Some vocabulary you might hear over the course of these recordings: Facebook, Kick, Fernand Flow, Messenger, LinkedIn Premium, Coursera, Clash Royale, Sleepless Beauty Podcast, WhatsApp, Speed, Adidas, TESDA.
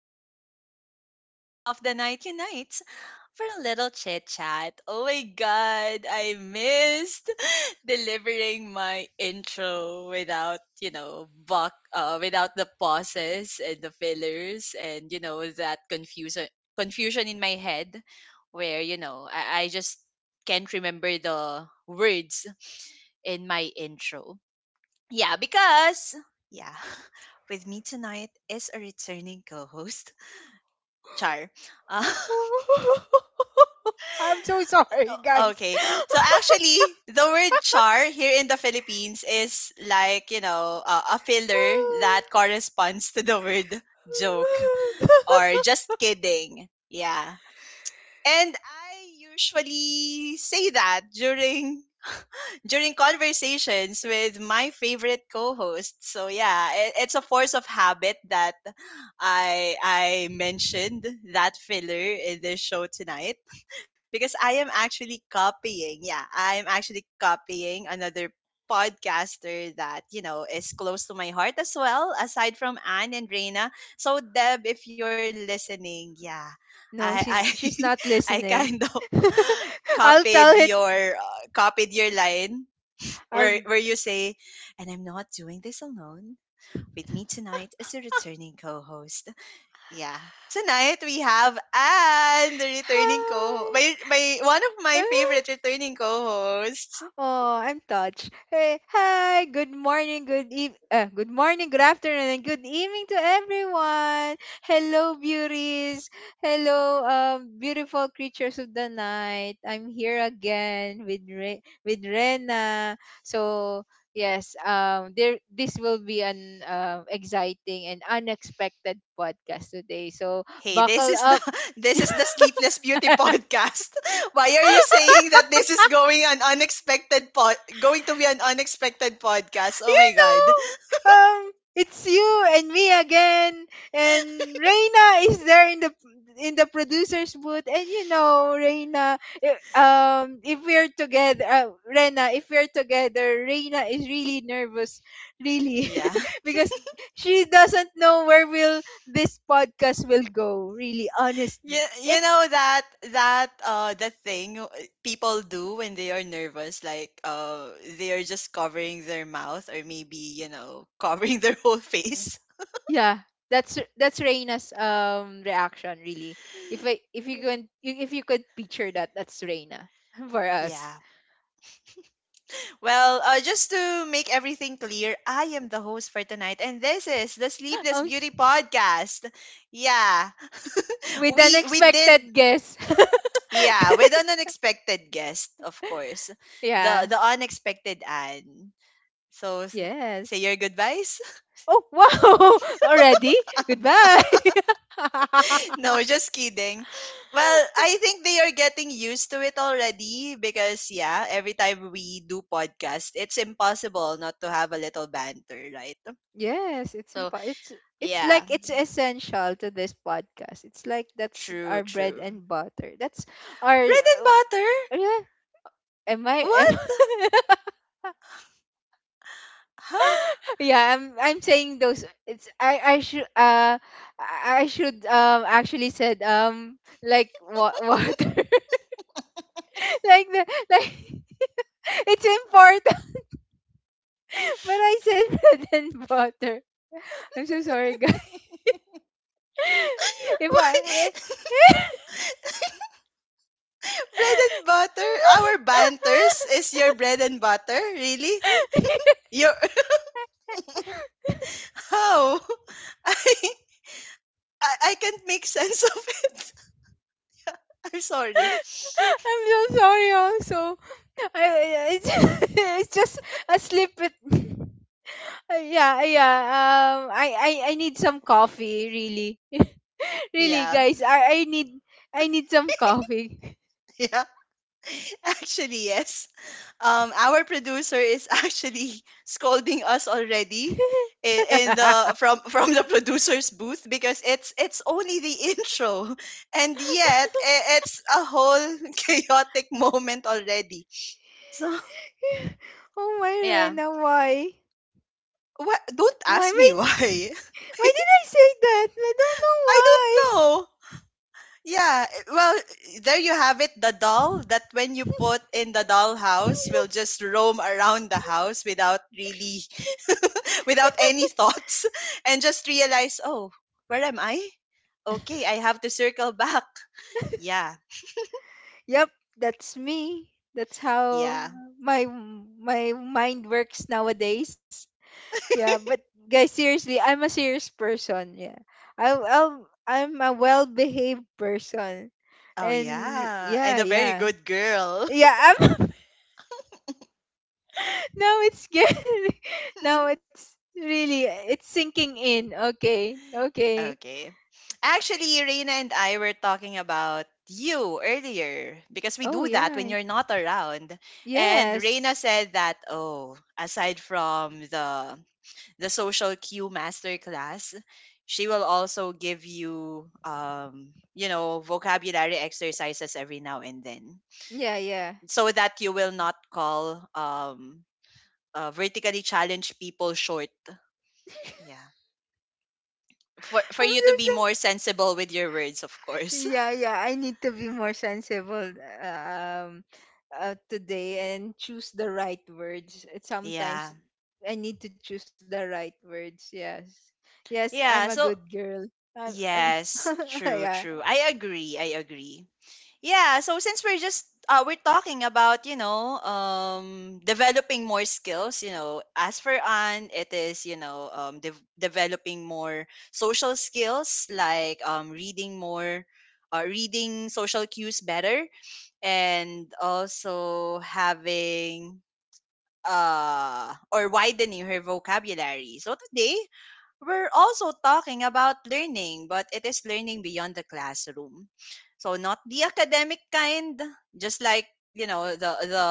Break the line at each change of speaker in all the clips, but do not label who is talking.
all the beautiful creatures of the night unite for a little chit chat. Oh my god, I missed delivering my intro without, without the pauses and the fillers and, that confusion in my head where, I just can't remember the words in my intro. Yeah, because yeah, with me tonight is a returning co-host, Char. Uh,
I'm so sorry, guys.
okay, so actually, the word char here in the Philippines is like a filler that corresponds to the word joke or just kidding. Yeah, and I usually say that during conversations with my favorite co-host. So yeah, it's a force of habit that I mentioned that filler in this show tonight because I am actually copying. Yeah, I'm actually copying another podcaster that, you know, is close to my heart as well, aside from Anne and Reina. So, Deb, if you're listening, yeah, I,
No,
I,
she's not
I
listening.
kind of
I'll tell
copied
it.
your uh, copied your line where
I'll
where you say and I'm not doing this alone with me tonight is a returning co-host, yeah. Tonight we have Anne, the returning co
hi.
my my one of my favorite returning co-hosts.
Oh, I'm touched. Hey, hi, good morning, good morning, good afternoon, and good evening to everyone. Hello, beauties. Hello, beautiful creatures of the night. I'm here again with with Rena. So yes, there this will be an exciting and unexpected podcast today. So
Hey, this
buckle
is the
up.
this is the Sleepless Beauty Podcast. Why are you saying that this is going to be an unexpected podcast? Oh my god.
It's you and me again, and Reina is there in the producer's booth, and you know, Reina, if we're together, if we're together, Reina is really nervous, really,
Yeah.
because she doesn't know where will this podcast will go, really, honestly.
You,
And
you know that the thing people do when they are nervous like they are just covering their mouth or maybe you know covering their whole face.
yeah, that's Reina's reaction really. If you could picture that, that's Reina for us.
Yeah. Well, just to make everything clear, I am the host for tonight, and this is the Sleepless
Um, s-
Beauty Podcast. Yeah,
with an
we did.
expected guess.
Yeah, with an unexpected guest, of course, the
Yeah.
unexpected Anne. So s- say
Yes.
your goodbyes.
Oh wow! Already? Goodbye.
No, just kidding. Well, I think they are getting used to it already because yeah, every time we do podcast, it's impossible not to have a little banter, right?
Yes,
So
it's
yeah.
like it's essential to this podcast. It's like that's
True,
our bread
true.
and butter. That's our
Bread and butter?
yeah. Am I am
What? Huh?
yeah, I'm saying those it's I should actually said like water like the like it's important but I said bread and butter. I'm so sorry, guys. If
Why?
I
Bread and butter? Our banters is your bread and butter? Really? Your how? I, I I can't make sense of it. I'm sorry.
I'm so sorry also. I, I- it's, it's just a slip it. Yeah, yeah. I need some coffee, really. Really,
Yeah.
guys. I need some coffee.
Yeah. Actually, yes. Our producer is actually scolding us already in the from from the producer's booth because it's only the intro and yet it's a whole chaotic moment already, so
Oh my,
yeah.
Rena, why?
wha Don't
Why, why,
ask me why.
why did I say that? I don't
I don't
know
know, yeah. Well, there you have it, the doll that when you put in the dollhouse
why.
will just roam around the house without really without any thoughts and just realize, oh, where am I? Okay, I have to circle back. Yeah,
Yep, that's me. That's how
yeah.
my mind works nowadays. Yeah, but guys, seriously, I'm a serious person. Yeah, I'm a well-behaved person,
Oh,
and
yeah. And
yeah,
a very
yeah,
good girl.
yeah. I'm now it's good. Now it's really it's sinking in. Okay, okay.
Okay. Actually, Reina and I were talking about you earlier because we
Oh
do that
yeah,
when you're not around. And
yes,
Reina said that, oh, aside from the social cue masterclass. She will also give you, vocabulary exercises every now and then,
yeah, yeah.
so that you will not call vertically challenged people short. Yeah, for
I'm
you to
so
be more sensible with your words, of course.
Yeah, yeah. I need to be more sensible um today and choose the right words. Sometimes
Yeah,
I need to choose the right words. Yes. Yes, I'm a
yeah.
good
So
girl. I'm
yes, true,
yeah.
true. I agree. I agree. Yeah, so since we're talking about developing more skills, you know, as for Anne, it is developing more social skills like reading more, reading social cues better, and also having or widening her vocabulary. So today we're also talking about learning, but it is learning beyond the classroom. So not the academic kind, just like you know the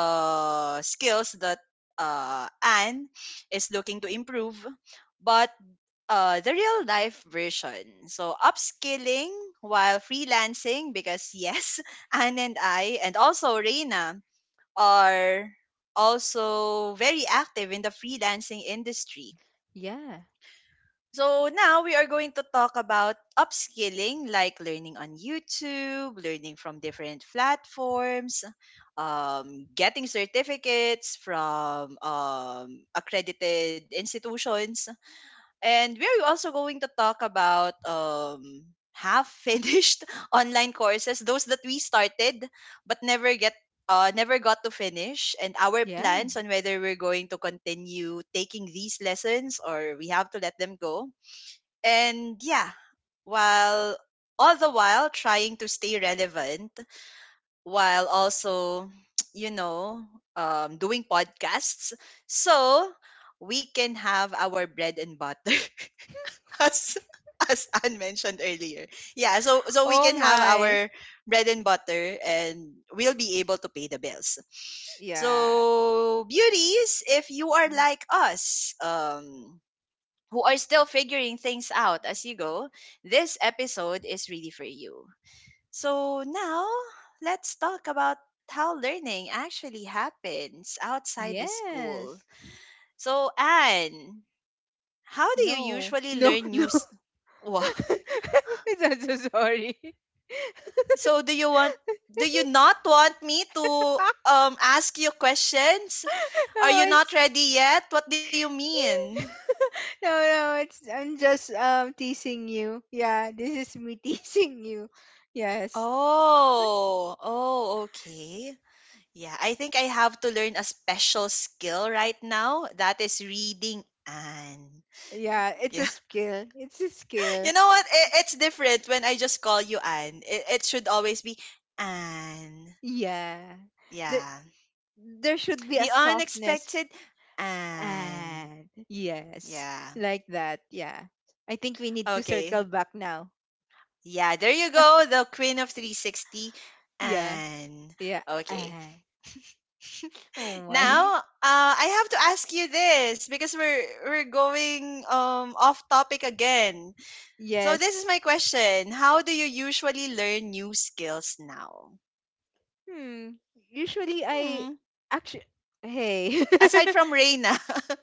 skills that Anne is looking to improve, but the real life version. So upskilling while freelancing, because yes, Anne and I, and also Reina, are also very active in the freelancing industry,
Yeah.
so now we are going to talk about upskilling, like learning on YouTube, learning from different platforms, getting certificates from accredited institutions, and we are also going to talk about half finished online courses, those that we started but never get. Never got to finish and our
Yeah.
plans on whether we're going to continue taking these lessons or we have to let them go and yeah, while all the while trying to stay relevant while also, you know, doing podcasts so we can have our bread and butter as as Anne mentioned earlier. Yeah, so we
Oh
can have
my.
our bread and butter and we'll be able to pay the bills.
Yeah.
So beauties, if you are like us, who are still figuring things out as you go, this episode is really for you. So now let's talk about how learning actually happens outside the school.
Yes.
So Anne, how do you
No.
usually
No,
learn
no.
new? Wha-
I'm so sorry.
so do you want? Do you not want me to ask you questions? Are
Oh,
you not
it's
ready yet? What do you mean?
no, no, it's I'm just teasing you. Yeah, this is me teasing you. Yes.
Oh, oh, okay. Yeah, I think I have to learn a special skill right now. That is reading Anne.
Yeah, it's
Yeah.
a skill. It's a
You
skill.
know what? It's different when I just call you Anne. It should always be Anne.
Yeah. The,
Yeah.
there should be a
The
softness
unexpected Anne.
and yes,
Yeah.
like that. Yeah. I think we need to
Okay.
circle back now.
Yeah, there you go. The queen of 360
Yeah.
Anne.
Yeah.
Okay.
And oh my.
Now, I have to ask you this because we're going off topic again. So this is
Yes.
my question. How do you usually learn new skills now?
Hmm. Usually I
Hmm.
actually hey
Aside from Reina.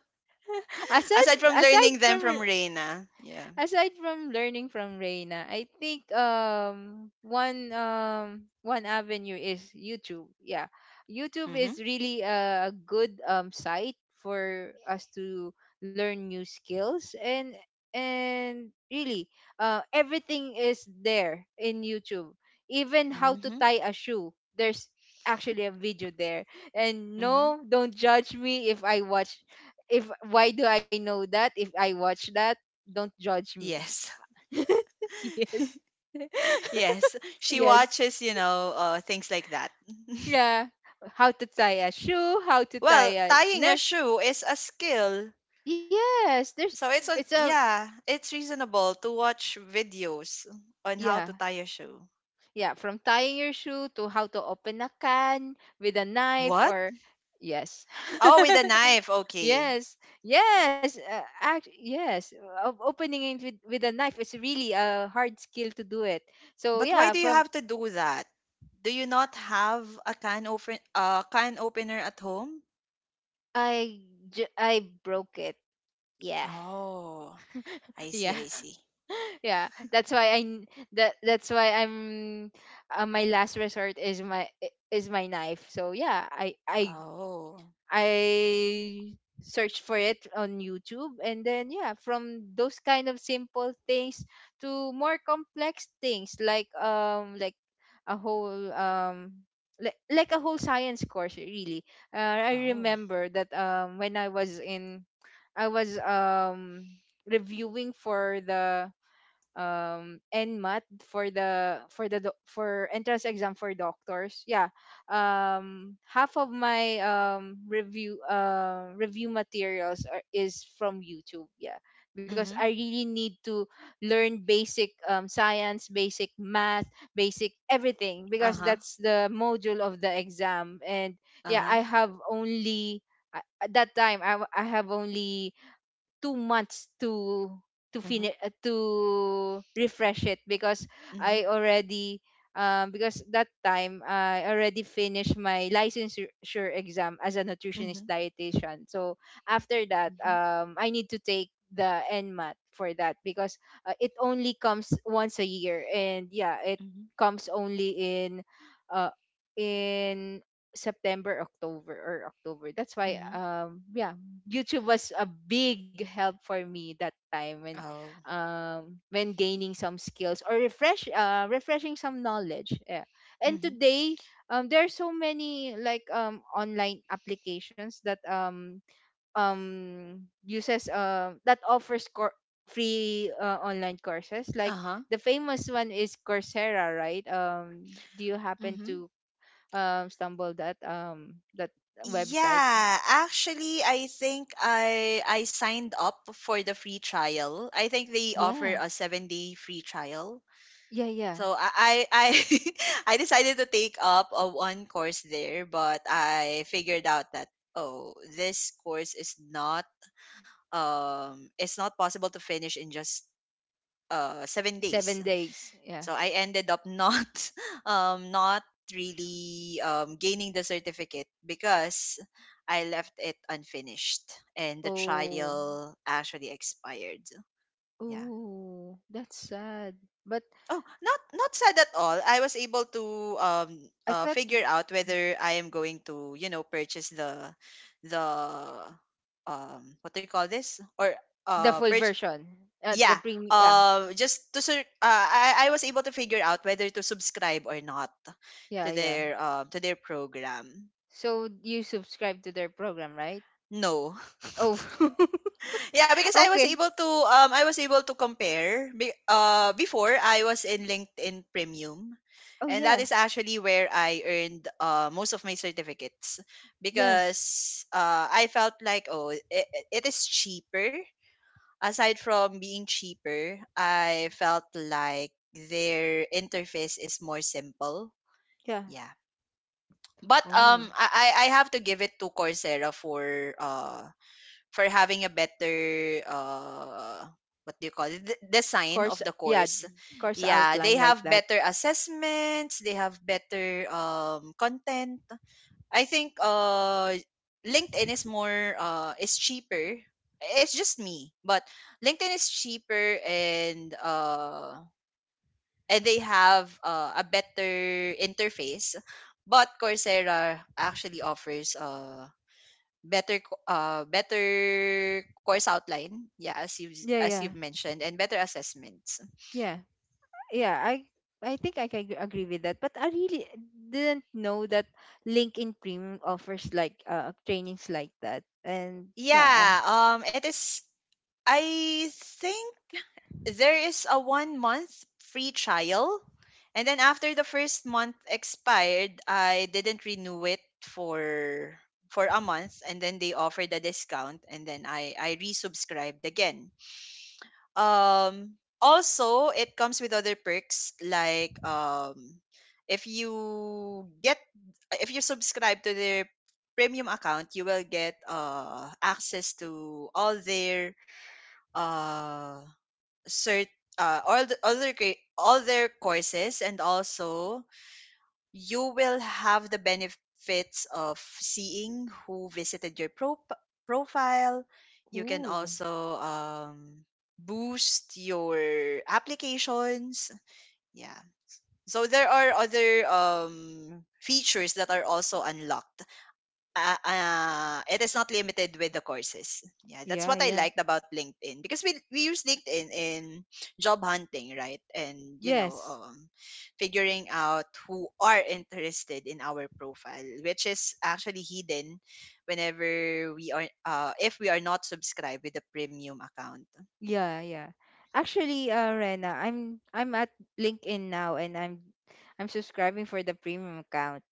aside
Aside from
aside
learning them
from
from Reina. Yeah.
aside from learning from Reina, I think one avenue is YouTube. Yeah. YouTube is
Mhm.
really a good site for us to learn new skills and really everything is there in YouTube. Even how to
Mhm.
tie a shoe. There's actually a video there. And
Mhm.
no, don't judge me if why do I know that if I watch that, don't judge me.
Yes.
Yes.
Yes. She
Yes,
watches, you know, things like that.
yeah, how to tie a shoe, how to
Well,
tie a
tying a
neck.
shoe is a skill.
Yes, there's
So it's
it's
on
a
yeah, it's reasonable to watch videos on how
yeah,
to tie a shoe.
yeah, from tying your shoe to how to open a can with a knife
What?
or yes.
Oh, with a knife. Okay.
Yes, yes, yes. Of opening it with a knife is really a hard skill to do it. So
But why
yeah,
do you
from
have to do that? Do you not have a can opener at home?
I I broke it. Yeah,
Oh, I
yeah.
see, I see.
Yeah, that's why I n- that's why I'm my last resort is is my knife. So yeah,
Oh,
I search for it on YouTube, and then yeah, from those kind of simple things to more complex things like a whole like a whole science course really. I
oh.
remember that when I was in I was reviewing for the and math for the for the for entrance exam for doctors, yeah. Half of my review materials is from YouTube, yeah, because I
Mhm.
really need to learn basic science, basic math, basic everything,
Uh
because
huh.
that's the module of the exam. And
Uh
yeah
huh.
I have only I- at that time, I have only 2 months to
Mhm.
finish to refresh it, because
Mhm.
I already. Because that time I already finished my licensure exam as a nutritionist
Mhm.
dietitian. So after that,
Mhm.
I need to take the NMAT for that, because it only comes once a year, and yeah, it
Mhm.
comes only in uh, in September, October, or October. That's why
Mhm.
yeah, YouTube was a big help for me that time when
Oh.
gaining some skills or refreshing some knowledge. Yeah. And
Mhm.
today there are so many like online applications that offers free online courses like
Uh huh.
the famous one is Coursera, right? Do you happen to
Mhm.
stumble that website?
Yeah, actually, I think I signed up for the free trial. I think they
Yeah.
offer a 7 day free trial.
Yeah, yeah.
So I decided to take up a one course there, but I figured out that oh, this course is not it's not possible to finish in just 7
Seven
days.
days. Yeah.
So I ended up not not really gaining the certificate because I left it unfinished and the
Oh.
trial actually expired. Yeah.
Oh. That's sad. But
Oh, not not sad at all. I was able to um
I thought
figure out whether I am going to, you know, purchase the the what do you call this? Or
the full
purch
version. The
yeah.
premium. Yeah.
I was able to figure out whether to subscribe or not to
Yeah. Yeah.
their to their program.
So you subscribe to their program, right?
No.
Oh.
Yeah, because I was
Okay.
able to I was able to compare before I was in LinkedIn Premium
Oh
and that
yeah.
is actually where I earned most of my certificates
Yes.
because I felt like oh it, it is cheaper, aside from being cheaper I felt like their interface is more simple,
Yeah.
yeah, but
Oh.
I I have to give it to Coursera for having a better what do you call it, the design of
Course.
the
Yeah.
course,
Course
yeah, they
outline like
have
that.
better assessments, they have better content. I think LinkedIn is more is cheaper, it's just me, but LinkedIn is cheaper and they have a better interface, but Coursera actually offers better course outline, yeah,
Yeah.
as you've
Yeah.
mentioned, and better assessments.
Yeah. Yeah, I think I can agree with that, but I really didn't know that LinkedIn Premium offers like trainings like that and yeah.
Yeah, it is. I think there is a 1 month free trial, and then after the first month expired, I didn't renew it for a month, and then they offered a discount, and then I resubscribed again. Um, also it comes with other perks like if you get if you subscribe to their premium account you will get access to all their uh cert all the other all their courses and also you will have the benefits of seeing who visited your profile.
I,
You can
ooh,
also boost your applications. Yeah. So there are other features that are also unlocked it is not limited with the courses. Yeah, that's
yeah,
what I
yeah,
liked about LinkedIn because we use LinkedIn in job hunting, right? And you know,
yes,
figuring out who are interested in our profile, which is actually hidden whenever we are if we are not subscribed with the premium account.
yeah, yeah. Actually, Rena, I'm at LinkedIn now and I'm subscribing for the premium account.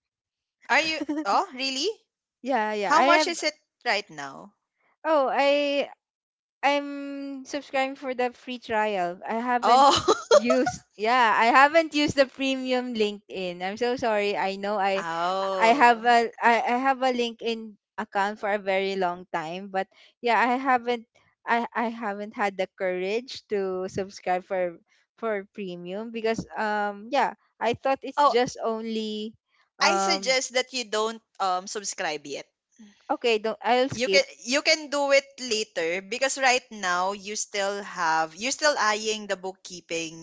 Are you? Oh, really?
Yeah, yeah,
How
I
much
have.
is it right now?
oh i I'm subscribing for the free trial. I haven't
Oh,
used Yeah, I haven't used the premium LinkedIn. I'm so sorry. I know I. I have
oh,
a I have a LinkedIn account for a very long time, but yeah, I haven't had the courage to subscribe for premium because yeah, I thought it's
oh!
just only
I
um
suggest that you don't subscribe yet.
okay, don't. I'll
You can
skip.
you can do it later because right now you still have, you're still eyeing the bookkeeping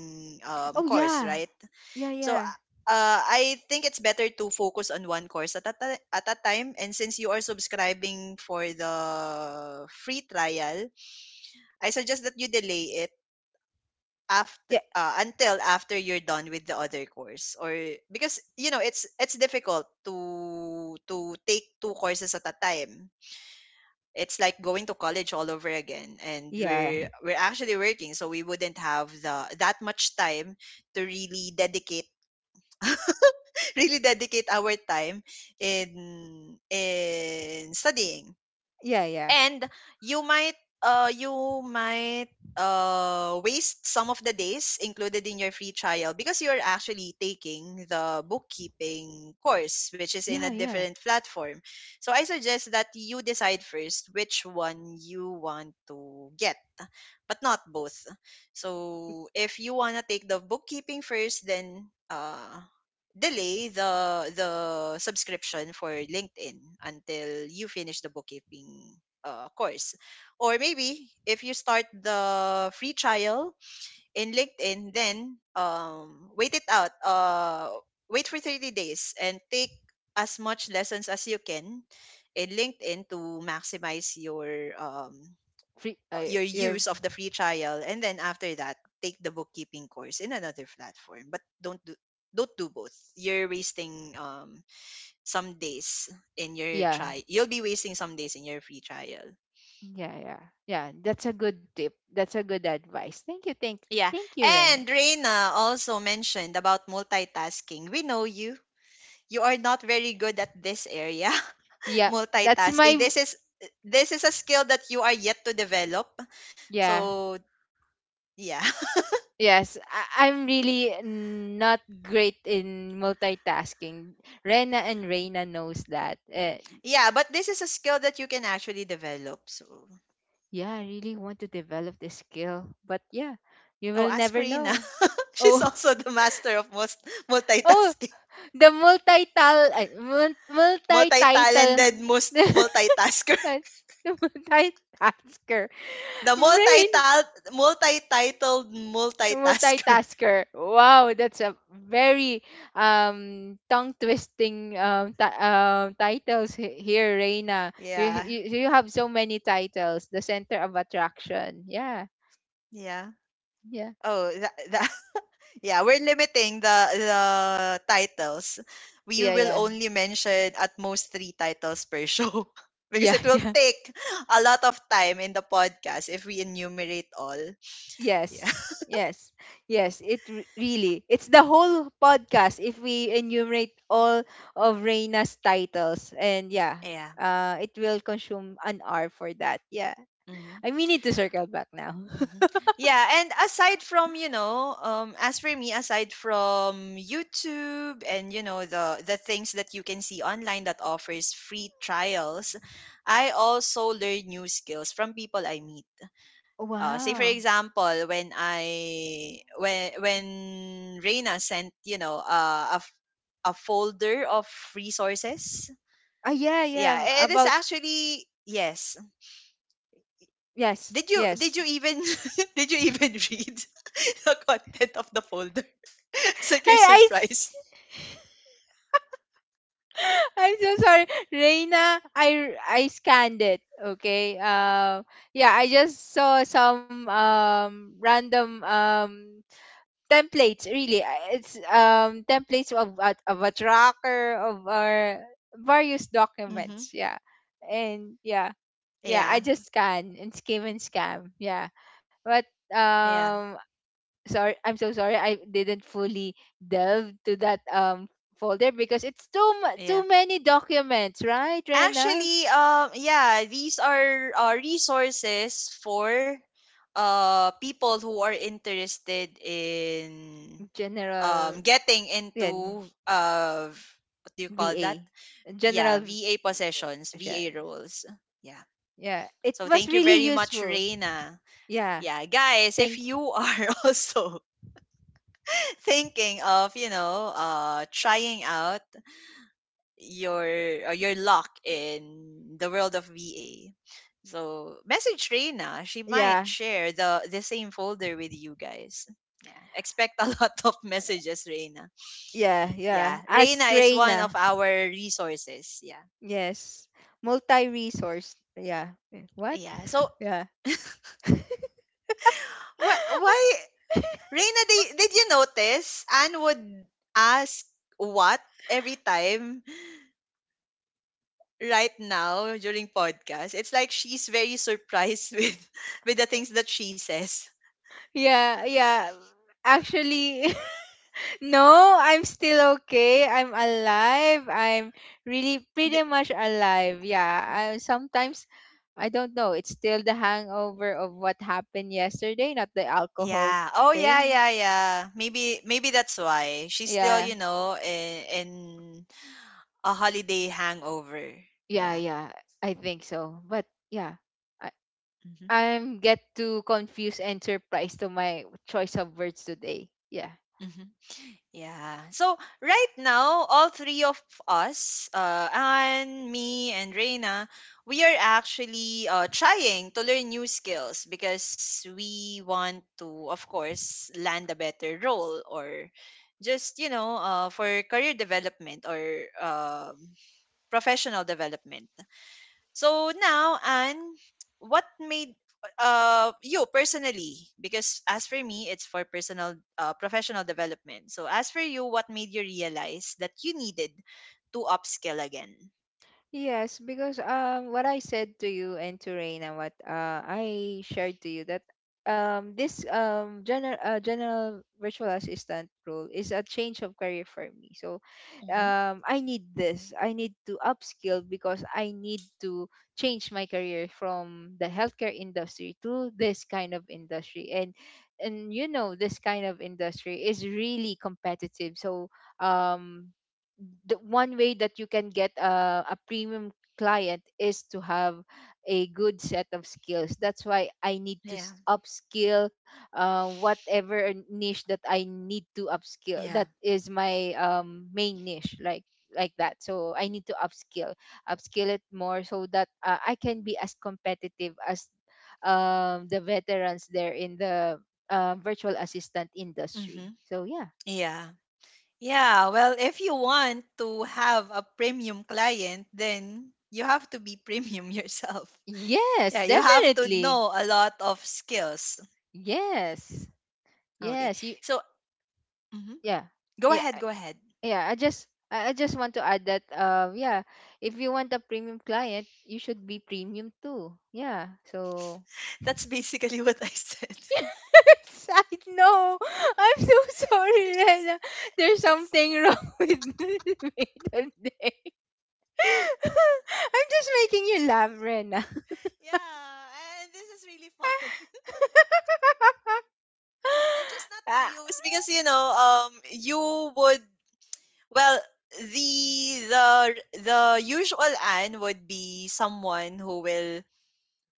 Oh
course,
yeah.
right?
Yeah,
So
yeah.
I think it's better to focus on one course at a, at a time, and since you are subscribing for the free trial, I suggest that you delay it after
Yeah.
until after you're done with the other course. Or because you know, it's difficult to take two courses at a time. It's like going to college all over again, and
Yeah.
we're actually working, so we wouldn't have the that much time to really dedicate, really dedicate our time in studying.
Yeah, yeah.
And you might, you might waste some of the days included in your free trial because you're actually taking the bookkeeping
Yeah,
course, which
yeah.
is in a different platform. So I suggest that you decide first which one you want to get, but not both. So if you want to take the bookkeeping first, then delay the subscription for LinkedIn until you finish the bookkeeping course. Or maybe if you start the free trial in LinkedIn, then wait it out. Wait for 30 days and take as much lessons as you can in LinkedIn to maximize um,
free
your
your
use of the free trial. And then after that, take the bookkeeping course in another platform. But don't do both. You're wasting some days in your
Yeah,
try. You'll be wasting some days in your free trial.
yeah, yeah, yeah, that's a good tip, that's a good advice. Thank you.
Yeah.
Thank you, Rena.
And Reina also mentioned about multitasking. We know you. You are not very good at this area.
Yeah, that's
Multitasking.
my.
This is a skill that you are yet to develop.
Yeah,
So, yeah.
yes, I'm really not great in multitasking. Rena and Reina knows that,
Yeah, but this is a skill that you can actually develop. So,
yeah. I really want to develop this skill, but yeah, you
oh,
will
ask
never
Reina.
know.
She's
Oh,
also the master of most
oh,
multitasking.
the multi-title
Multi-talented most
the
multitasker.
multi-tasker.
The
Rain,
multi-titled multitasker.
Multitasker. Wow, that's a very tongue twisting titles here, Reina.
Yeah.
You have so many titles. The center of attraction. Yeah,
Yeah.
yeah,
Oh, that tha yeah, we're limiting the titles. We
yeah,
will
yeah,
only mention at most three titles per show because
yeah,
it will
yeah.
take a lot of time in the podcast if we enumerate all. Yeah.
Yes, yes, yes. Really, it's the whole podcast if we enumerate all of Reina's titles, and yeah,
Yeah.
it will consume an hour for that. Yeah.
Hmm.
I mean, need to circle back now.
Hmm. Yeah, and aside from, you know, as for me, aside from YouTube and, you know, the things that you can see online that offers free trials, I also learn new skills from people I meet. Say for
Wow.
example, when I when Reina sent, you know, a a folder of resources.
Ah, yeah, yeah.
Yeah, it is
About
actually, yes.
yes,
Did you,
yes.
did you even did you even read the content of the folder? It's like you're
Hey,
surprised.
I'm so sorry, Reina. I scanned it. Okay. Yeah, I just saw some random templates. Really, it's templates of of a tracker of our various
Mm-hmm.
documents. Yeah, and yeah, yeah. I
Yeah,
just scan and skim and scam. Yeah, but
yeah,
um sorry, I'm so sorry, I didn't fully delve to that folder because it's
yeah.
too many documents, right, Rena?
Actually, yeah, these are resources for people who are interested in
General.
getting
Yeah.
into what do you call that?
Va.
Yeah,
General.
VA possessions,
Yeah,
VA roles. Yeah.
yeah. It
So
was
thank you
really
very much,
useful.
Reina.
Yeah,
Yeah, guys, if
thank.
you are also thinking of, you know, trying out your your luck in the world of VA. So message Reina. She might
Yeah,
share the same folder with you guys. Yeah, expect a lot of messages, Reina.
yeah, yeah,
Yeah, Reina
ask
is one of
Rena.
our resources. Yeah,
Yes, multi-resource. Yeah, what?
yeah. So
Yeah.
why Reina? Did you notice Anne would ask what every time? Right now during podcast, it's like she's very surprised with the things that she says.
Yeah, yeah, actually. No, I'm still okay. I'm alive. I'm really pretty much alive. Yeah. Sometimes I don't know. It's still the hangover of what happened yesterday, not the alcohol
Yeah. Oh yeah,
thing.
yeah, yeah. Maybe that's why she's still, you
Yeah.
know, in a holiday hangover.
Yeah,
Yeah.
yeah. I think so. But yeah. I
Hmm.
I'm get too confused and surprised to my choice of words today. Yeah.
Hmm. Yeah. So right now, all three of us, Anne, me, and Reina, we are actually trying to learn new skills because we want to, of course, land a better role or just you know, for career development or um professional development. So now, Anne, what made you personally? Because as for me, it's for personal professional development. So as for you, what made you realize that you needed to upskill again?
Yes, because what I said to you and to Rain and what I shared to you that this general virtual assistant role is a change of career for me. So
Hmm.
I need this. I need to upskill because I need to change my career from the healthcare industry to this kind of industry. And you know this kind of industry is really competitive. So um the one way that you can get a premium client is to have a good set of skills. That's why I need to
Yeah,
s- upskill whatever niche that I need to upskill,
yeah,
that is my main niche, like that. So I need to upskill it more so that I can be as competitive as the veterans there in the virtual assistant
hmm,
industry. So yeah.
yeah, yeah. Well, if you want to have a premium client, then you have to be premium yourself.
Yes,
Yeah, you have to
definitely.
know a lot of skills.
Yes.
Okay,
Yes.
so.
Yeah.
Go
Yeah.
ahead, go ahead.
Yeah. I just want to add that yeah, if you want a premium client, you should be premium too. Yeah. So
That's basically what I said.
yes, I know. I'm so
you
sorry,
just,
Rena.
you
There's
just,
something wrong with me today. I'm just making you laugh, Rena.
yeah. And this is really fun. I'm just not
Ah,
used because you know, you would, well, the the usual Anne would be someone who will,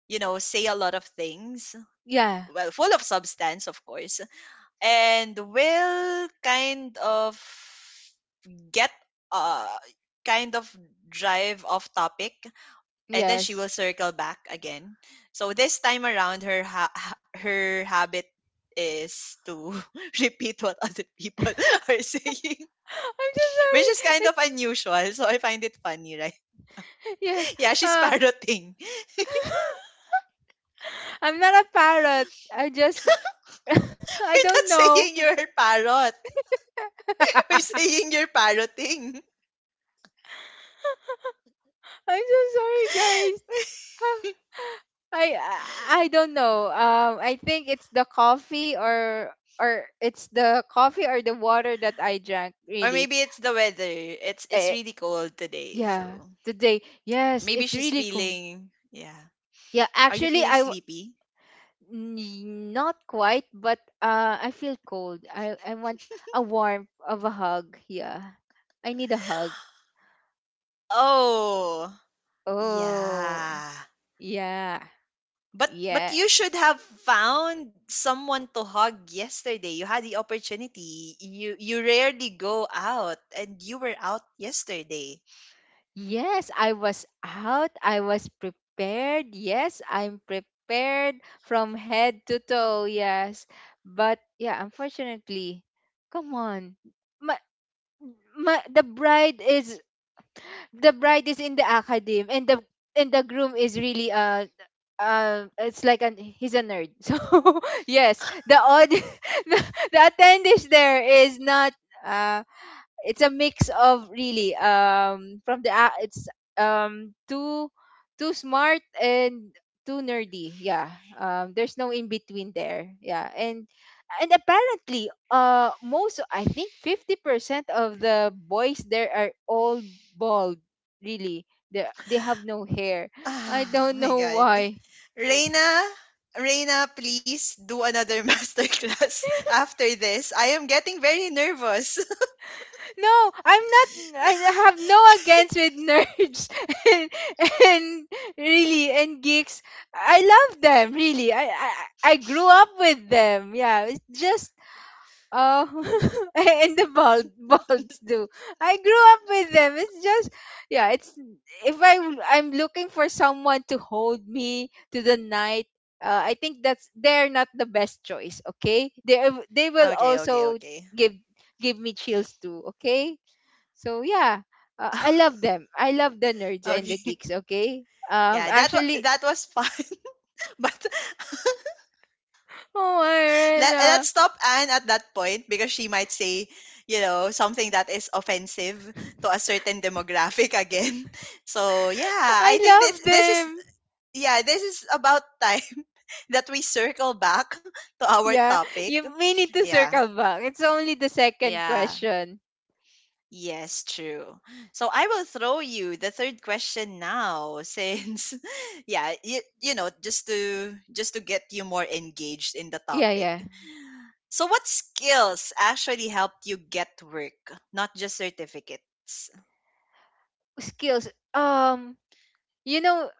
you know, say a lot of things,
yeah.
well, full of substance, of course, and will kind of get, uh kind of drive off topic, and then she
Yes.
will circle back again. So this time around, her her habit is to repeat what other people are saying,
I'm just
which is kind
sorry.
of unusual. So I find it funny, right?
Yeah.
Yeah, she's
Uh,
parroting.
I'm not a parrot. I just I
We're
don't
not
know.
saying you're a parrot. We're saying you're parroting.
I'm so sorry, guys. I I don't know. I think it's the coffee or the water that I drank.
Or
Really,
maybe it's the weather. It's
eh,
really cold today,
yeah.
so
Today, yes,
maybe
it's
she's
really cool.
feeling. Yeah.
Yeah,
Are you
actually,
feeling
I
sleepy?
N- not quite, but I feel cold. I want a warmth of a hug. Yeah, I need a hug.
Oh,
Oh,
yeah.
yeah,
But
yeah,
you should have found someone to hug yesterday. You had the opportunity. You rarely go out and you were out yesterday.
yes. I was out. I was prepared. Yes, I'm prepared from head to toe. Yes, but yeah, unfortunately, come on, my, my the bride is in the academe and the groom is really it's like an he's a nerd so yes the audience, the, the attendees there is not uh it's a mix of really from the a- it's too too smart and too nerdy. Yeah, there's no in between there. Yeah, and apparently most, I think 50% of the boys there are all bald, really. They have no hair. I
Ah,
don't
my
know
god.
why.
Reina, Reina, please do another masterclass after this. I am getting very nervous.
No, I'm not. I have no against with nerds and, and really and geeks. I love them, really. I grew up with them. Yeah, it's just uh and the bald, balds do. I grew up with them. It's just yeah. It's if I'm looking for someone to hold me to the night. I think that's they're not the best choice. Okay, they will
Okay, okay,
also
okay.
give give me chills too. Okay. So yeah, I love them. I love the nerds and the
Okay.
geeks. Okay.
Yeah, that
Actually,
that was fun. But
oh, Irena,
let's stop Anne at that point because she might say, you know, something that is offensive to a certain demographic again. So yeah, I think
I
this
love
this is,
them.
yeah, this is about time that we circle back to our
Yeah.
topic.
You may need to
Yeah.
circle back. It's only the second
Yeah.
question.
Yes, true. So I will throw you the third question now since yeah, you know, just to get you more engaged in the
Yeah.
topic.
Yeah.
So, what skills actually helped you get work, not just certificates?
Skills. Um. you know,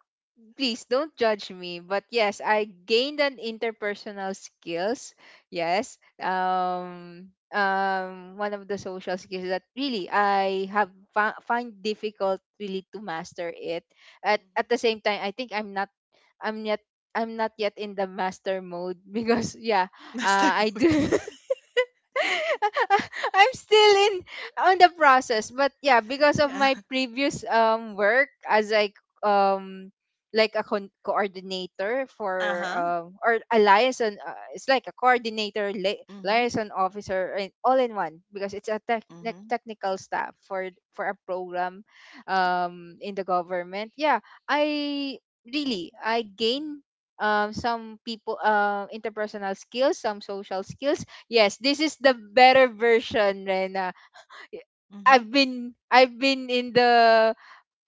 Please don't judge me, but yes, I gained an interpersonal skills. Yes. One of the social skills that really I have fa- find difficult really to master it. At
Mhm.
the same time, I think I'm not I'm yet I'm not yet in the master mode, because yeah,
Master
I do
mode.
I'm still in on the process, but yeah, because of
Yeah.
my previous work as um like a con- coordinator
Uh
for
huh.
or a liaison, it's like a coordinator, li-
Mhm.
liaison officer, and all in one because it's a tech nec-
Mhm.
technical staff for a program in the government. Yeah, I really I gain some people interpersonal skills, some social skills. Yes, this is the better version, Rena. Y-
Mhm.
I've been in the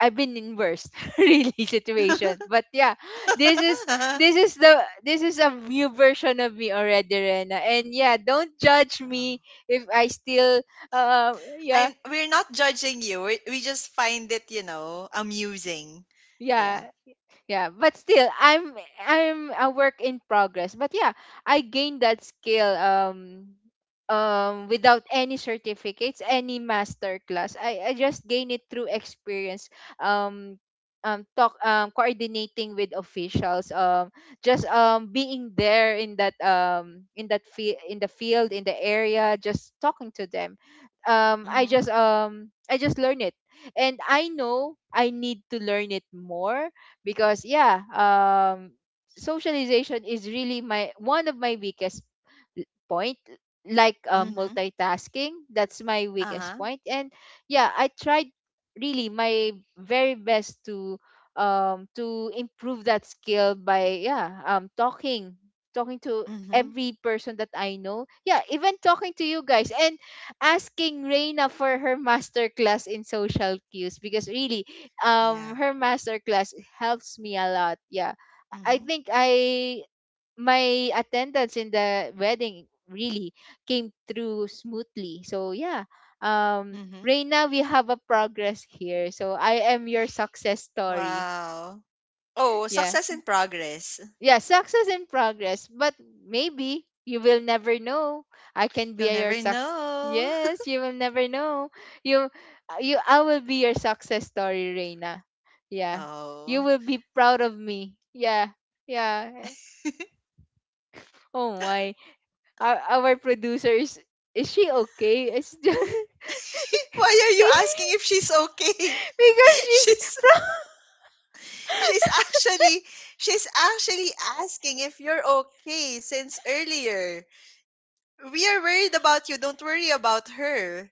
I've been in worst really situation. But yeah, this is this is a new version of me already, Rena. And yeah, don't judge
Um,
me if I still yeah,
I'm we're not judging you. We just find it, you know, amusing. Yeah.
yeah. Yeah, but still I'm a work in progress. But yeah, I gained that skill. Without any certificates, any master class, I just gained it through experience. um Talk, coordinating with officials, just being there in that fi- in the field in the area, just talking to them.
Mhm.
I just learned it, and I know I need to learn it more because, yeah, socialization is really my one of my weakest l- point, like,
Mhm.
multitasking, that's my weakest
Uh-huh.
point. And yeah, I tried really my very best to improve that skill by, yeah, talking talking to
Mhm.
every person that I know. Yeah, even talking to you guys, and asking Reina for her master class in social cues, because really
Yeah.
her masterclass helps me a lot. Yeah. I
Mhm.
think I my attendance in the wedding really came through smoothly. So yeah. Um,
Mhm.
Reina, we have a progress here. So I am your success story.
Wow. Oh,
Yeah,
success in progress.
yeah, success in progress. But maybe you will never know. I can
You'll
be your
never
success.
know.
Yes, you will never know. You, you, I will be your success story, Reina. Yeah, you
Oh.
will be proud of me. Yeah, yeah. Oh my, our producer is. Is she okay? It's just
Why are you asking if she's okay?
because she's
She's
proud.
she's actually she's actually asking if you're okay since earlier. We are worried about you. Don't worry about her.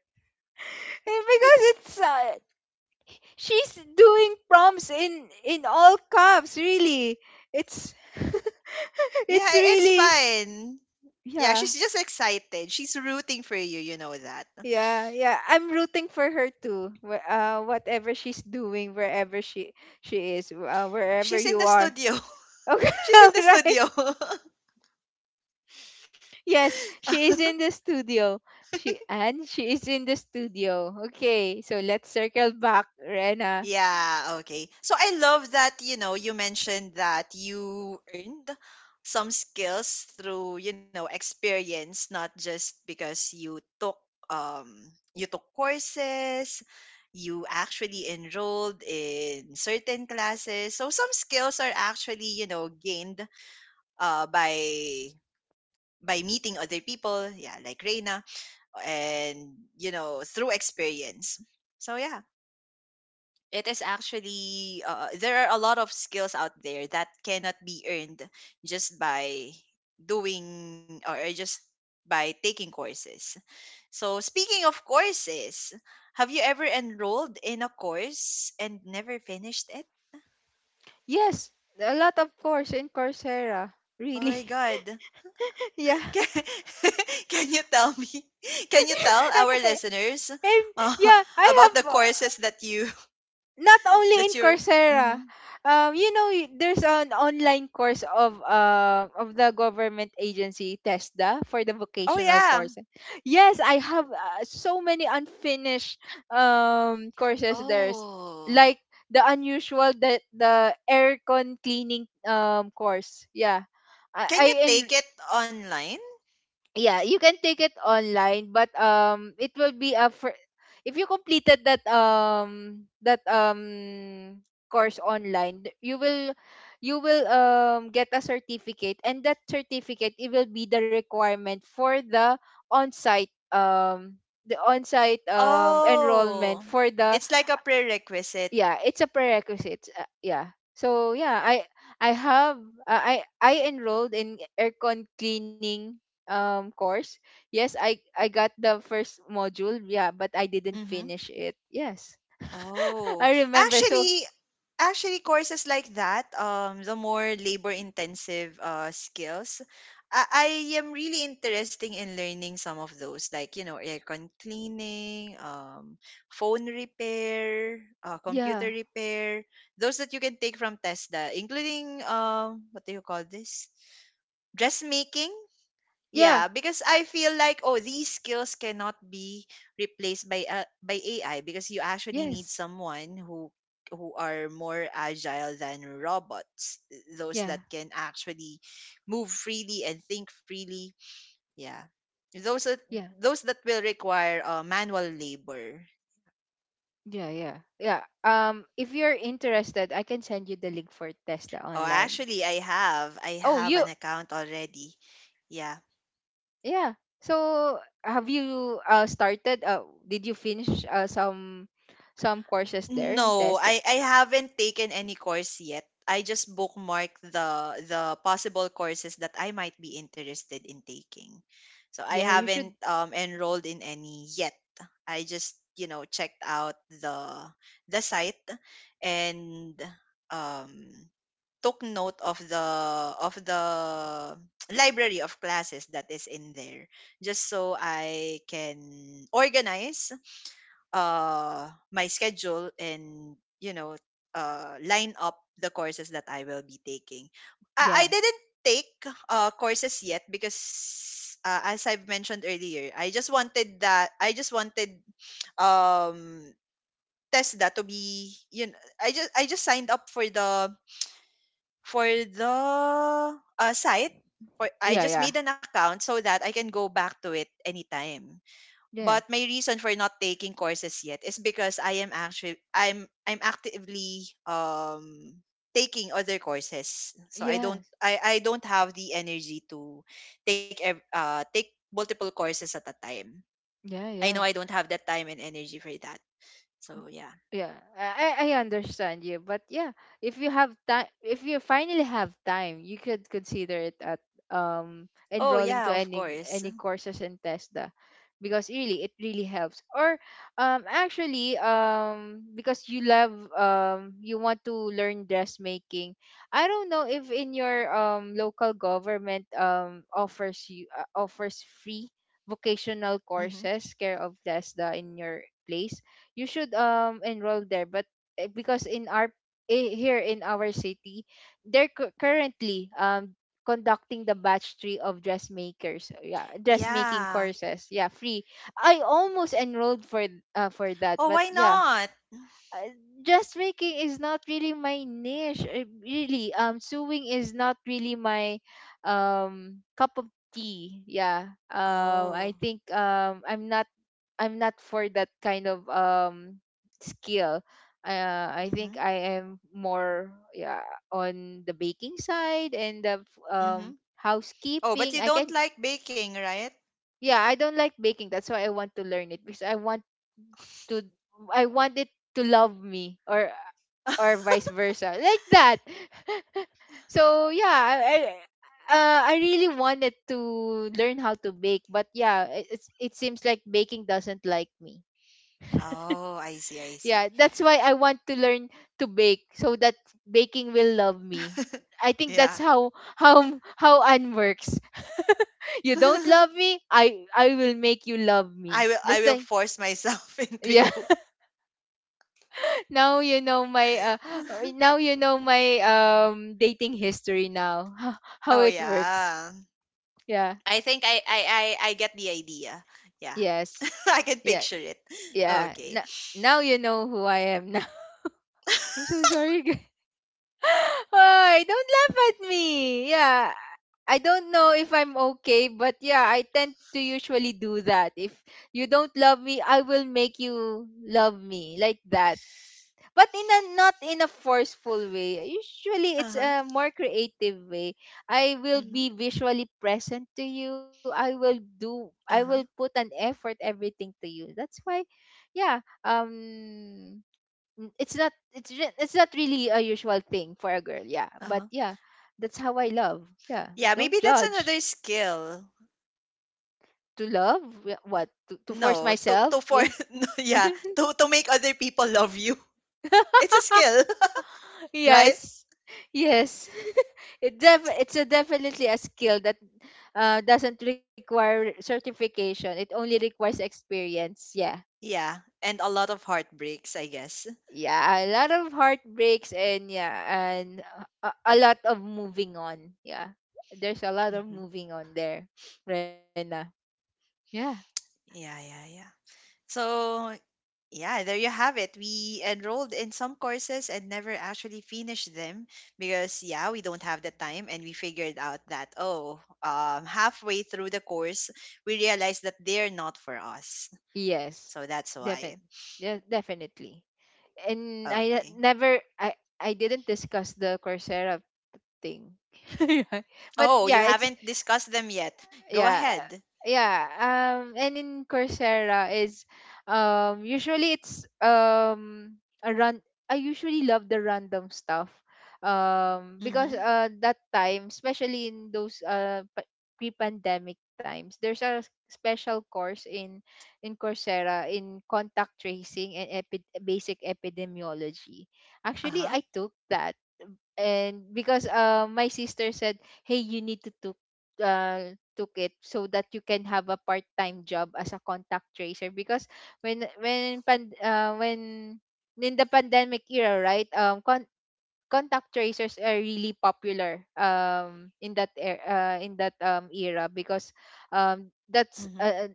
Because it's she's doing prompts in all caps. Really, it's
Yeah,
it's
it's
really
fine. Yeah, she's
yeah.
just excited. She's rooting for you. You know that.
Yeah I'm rooting for her too, wh- whatever she's doing, wherever she is, wherever
She's in
you
the
are.
studio.
Okay,
She's in the
right.
studio.
Yes, she is in the studio. She is in the studio. Okay, so let's circle back, Rena.
Yeah, okay. So I love that, you know, you mentioned that you earned some skills through, you know, experience, not just because you took um you took courses, you actually enrolled in certain classes. So some skills are actually, you know, gained uh by by meeting other people, yeah, like Reina, and you know, through experience. So yeah, it is actually there are a lot of skills out there that cannot be earned just by doing or just by taking courses. So speaking of courses, have you ever enrolled in a course and never finished it?
Yes, a lot of course in Coursera,
Oh
really.
my god.
Yeah,
Can, can you tell me? Can you tell our listeners
and
uh,
yeah, I
about the
have,
courses that you
not only in
that you're
Coursera.
mhm.
You know, y- there's an online course of the government agency TESDA for the
Oh
vocational
yeah.
course. Yes, I have, so many unfinished courses. There's
Oh.
like the unusual the aircon cleaning course. Yeah. I
Can you
en-
take it online?
yeah, you can take it online, but it will be a fir- if you completed that course online, th- you will get a certificate, and that certificate, it will be the requirement for on-site um the on-site enrollment
Oh,
for the
it's like a prerequisite.
yeah, it's a prerequisite. Yeah, so yeah, i have I enrolled in aircon cleaning course. Yes, I got the first module. Yeah, but I didn't
Mm-hmm.
finish it. Yes,
Oh,
I remember. So
actually, actually, courses like that, the more labor-intensive skills, I am really interested in learning some of those, like you know, aircon cleaning, phone repair, computer
yeah,
repair, those that you can take from TESDA, including what do you call this? Dressmaking.
yeah,
Yeah, because
uh,
I feel like oh these skills cannot be replaced by AI because you actually need
yes,
someone who are more agile than robots, those
yeah,
that can actually move freely and think freely. Yeah. Those that,
yeah,
those that will require manual labor.
yeah, yeah. Yeah, if you're interested, I can send you the link for Testa
Oh,
online.
actually I
Oh,
have an
you.
account already. Yeah.
Yeah. So have you started, did you finish some courses there in
No,
Tesla?
I haven't taken any course yet. I just bookmark the possible courses that I might be interested in taking. So
Yeah, you
I
should.
haven't enrolled in any yet. I just, you know, checked out the site and um took note of the library of classes that is in there, just so I can organize my schedule and you know line up the courses that I will be taking. I
Yeah.
didn't take courses yet because as I've mentioned earlier, I just wanted um Tesla to be, you know, I just signed up for the site for, I
Yeah,
just
yeah.
made an account so that I can go back to it anytime.
Yeah.
But my reason for not taking courses yet is because I am actually, I'm actively taking other courses. So I don't
Yes.
I I don't have the energy to take multiple courses at a time.
Yeah,
I know I
yeah.
don't have that time and energy for that. So yeah.
Yeah, I understand you. But yeah, if you have time, if you finally have time, you could consider it at
Oh
enrolling
yeah,
to
of course.
any courses in Tesda, because really it really helps. Or actually, because you love, you want to learn dressmaking, I don't know if in your local government offers free vocational
Mhm.
courses care of Tesda in your place. You should enroll there. But because in our here in our city, they're cu- currently conducting the batch 3 of dressmakers, yeah, dressmaking
Yeah.
courses, yeah, free. I almost enrolled for that,
Oh,
but
why
yeah,
not?
uh, dressmaking is not really my niche. Really, sewing is not really my cup of tea. Yeah,
Oh.
I think, I'm not I'm not for that kind of skill. I think
Mhm.
I am more, yeah, on the baking side and the f-
Mhm. Oh, but you
housekeeping. I
don't
can
like baking, right?
yeah, I don't like baking. That's why I want to learn it, because I want to I want it to love me or vice versa, like that. So yeah, I really wanted to learn how to bake, but yeah, it- it seems like baking doesn't like me.
Oh, I see, I see.
Yeah, that's why I want to learn to bake, so that baking will love me. I think that's
Yeah.
how how Anne works. You don't love me, I will make you love me.
I will I
Let's
will
like,
force myself into
yeah.
you.
Now you know my now you know my dating history now. How
Oh
it works.
yeah.
Yeah.
I think, I get the idea. Yeah.
Yes.
I can
Yeah.
picture it.
Yeah.
Okay.
Now now you know who I am now. I'm so sorry. Why? Don't laugh at me. Yeah. I don't know if I'm okay, but yeah, I tend to usually do that. If you don't love me, I will make you love me like that. But in a not in a forceful way. Usually it's
Uh-huh.
a more creative way. I will
Mhm.
be visually present to you. I will
Uh-huh.
put an effort everything to you. That's why yeah, n- it's not it's re- it's not really a usual thing for a girl, yeah, but
Uh-huh.
yeah, that's how I love. Yeah,
Yeah,
don't
maybe that's
judge.
another skill.
To love wh- what to force
No,
myself,
to for
yeah.
no, yeah, to make other people love you. It's a skill, right?
Yes. Yes, it def- it's a definitely a skill that doesn't require certification, it only requires experience. Yeah.
Yeah, and a lot of heartbreaks, I guess.
Yeah, a lot of heartbreaks, and yeah, and a lot of moving on. Yeah. There's a lot of
Hmm.
moving on there, Rena. Yeah.
Yeah, yeah, yeah. So yeah, there you have it. We enrolled in some courses and never actually finished them because, yeah, we don't have the time. And we figured out that, oh, halfway through the course, we realized that they're not for us.
Yes.
So that's why.
Definitely. Yeah, definitely. And I ne-
Okay.
never I didn't discuss the Coursera thing. Yeah. But
Oh, you
yeah, it's
haven't discussed them yet. Go
yeah.
ahead.
Yeah. And in Coursera, is usually it's a run. I usually love the random stuff, because
Mm-hmm.
that time, especially in those pre-pandemic times, there's a special course in Coursera in contact tracing and basic epidemiology. Actually,
Uh-huh.
I took that. And because my sister said, "Hey, you need to took, took it so that you can have a part-time job as a contact tracer." Because when pan, when in the pandemic era, right? Contact tracers are really popular in that era, because that's
Mm-hmm.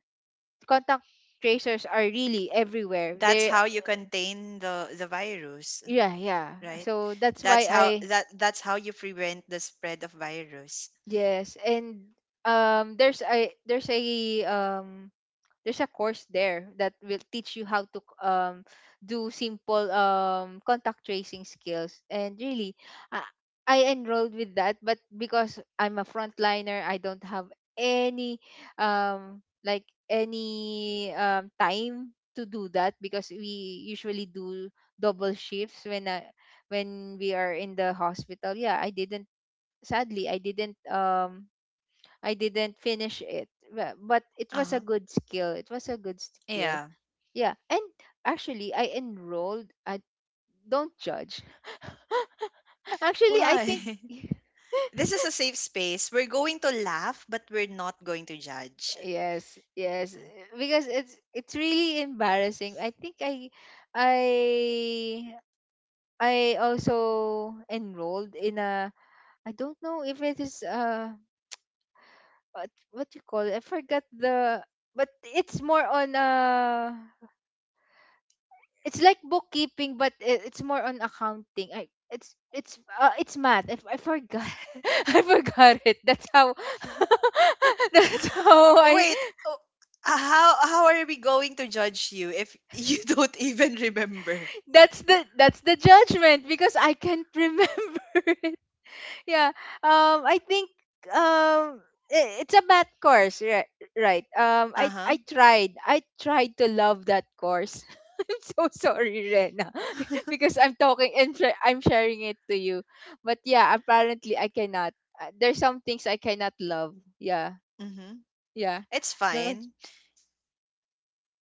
contact tracers are really everywhere.
That's
They
how you contain the virus,
yeah, yeah,
right?
so that's why
That's how
I
that that's how you prevent the spread of virus.
yes. And there's a um course there that will teach you how to do simple contact tracing skills. And really, I, I enrolled with that, but because I'm a frontliner, I don't have any like any time to do that, because we usually do double shifts when we are in the hospital. Yeah, I didn't, sadly I didn't finish it. But it was
Uh-huh.
a good skill. It was a good skill.
Yeah.
Yeah. And actually, I enrolled. I don't judge. Actually, I
Why?
think
This is a safe space. We're going to laugh, but we're not going to judge.
yes, yes, because it's really embarrassing. I think I I also enrolled in a, I don't know if it is what you call it. I forgot the, but it's more on it's like bookkeeping, but it's more on accounting. It's it's math. I forgot. I forgot it. That's how that's how I
Wait, oh, how are we going to judge you if you don't even remember?
that's the judgment, because I can't remember it. Yeah. I think, um it's a math course, right? Right.
Uh
I
huh.
i tried, I tried to love that course. I'm so sorry, Ren, because I'm talking and I'm sharing it to you. But yeah, apparently I cannot. There's some things I cannot love. Yeah.
Mm-hmm.
Yeah.
It's fine.
Don't,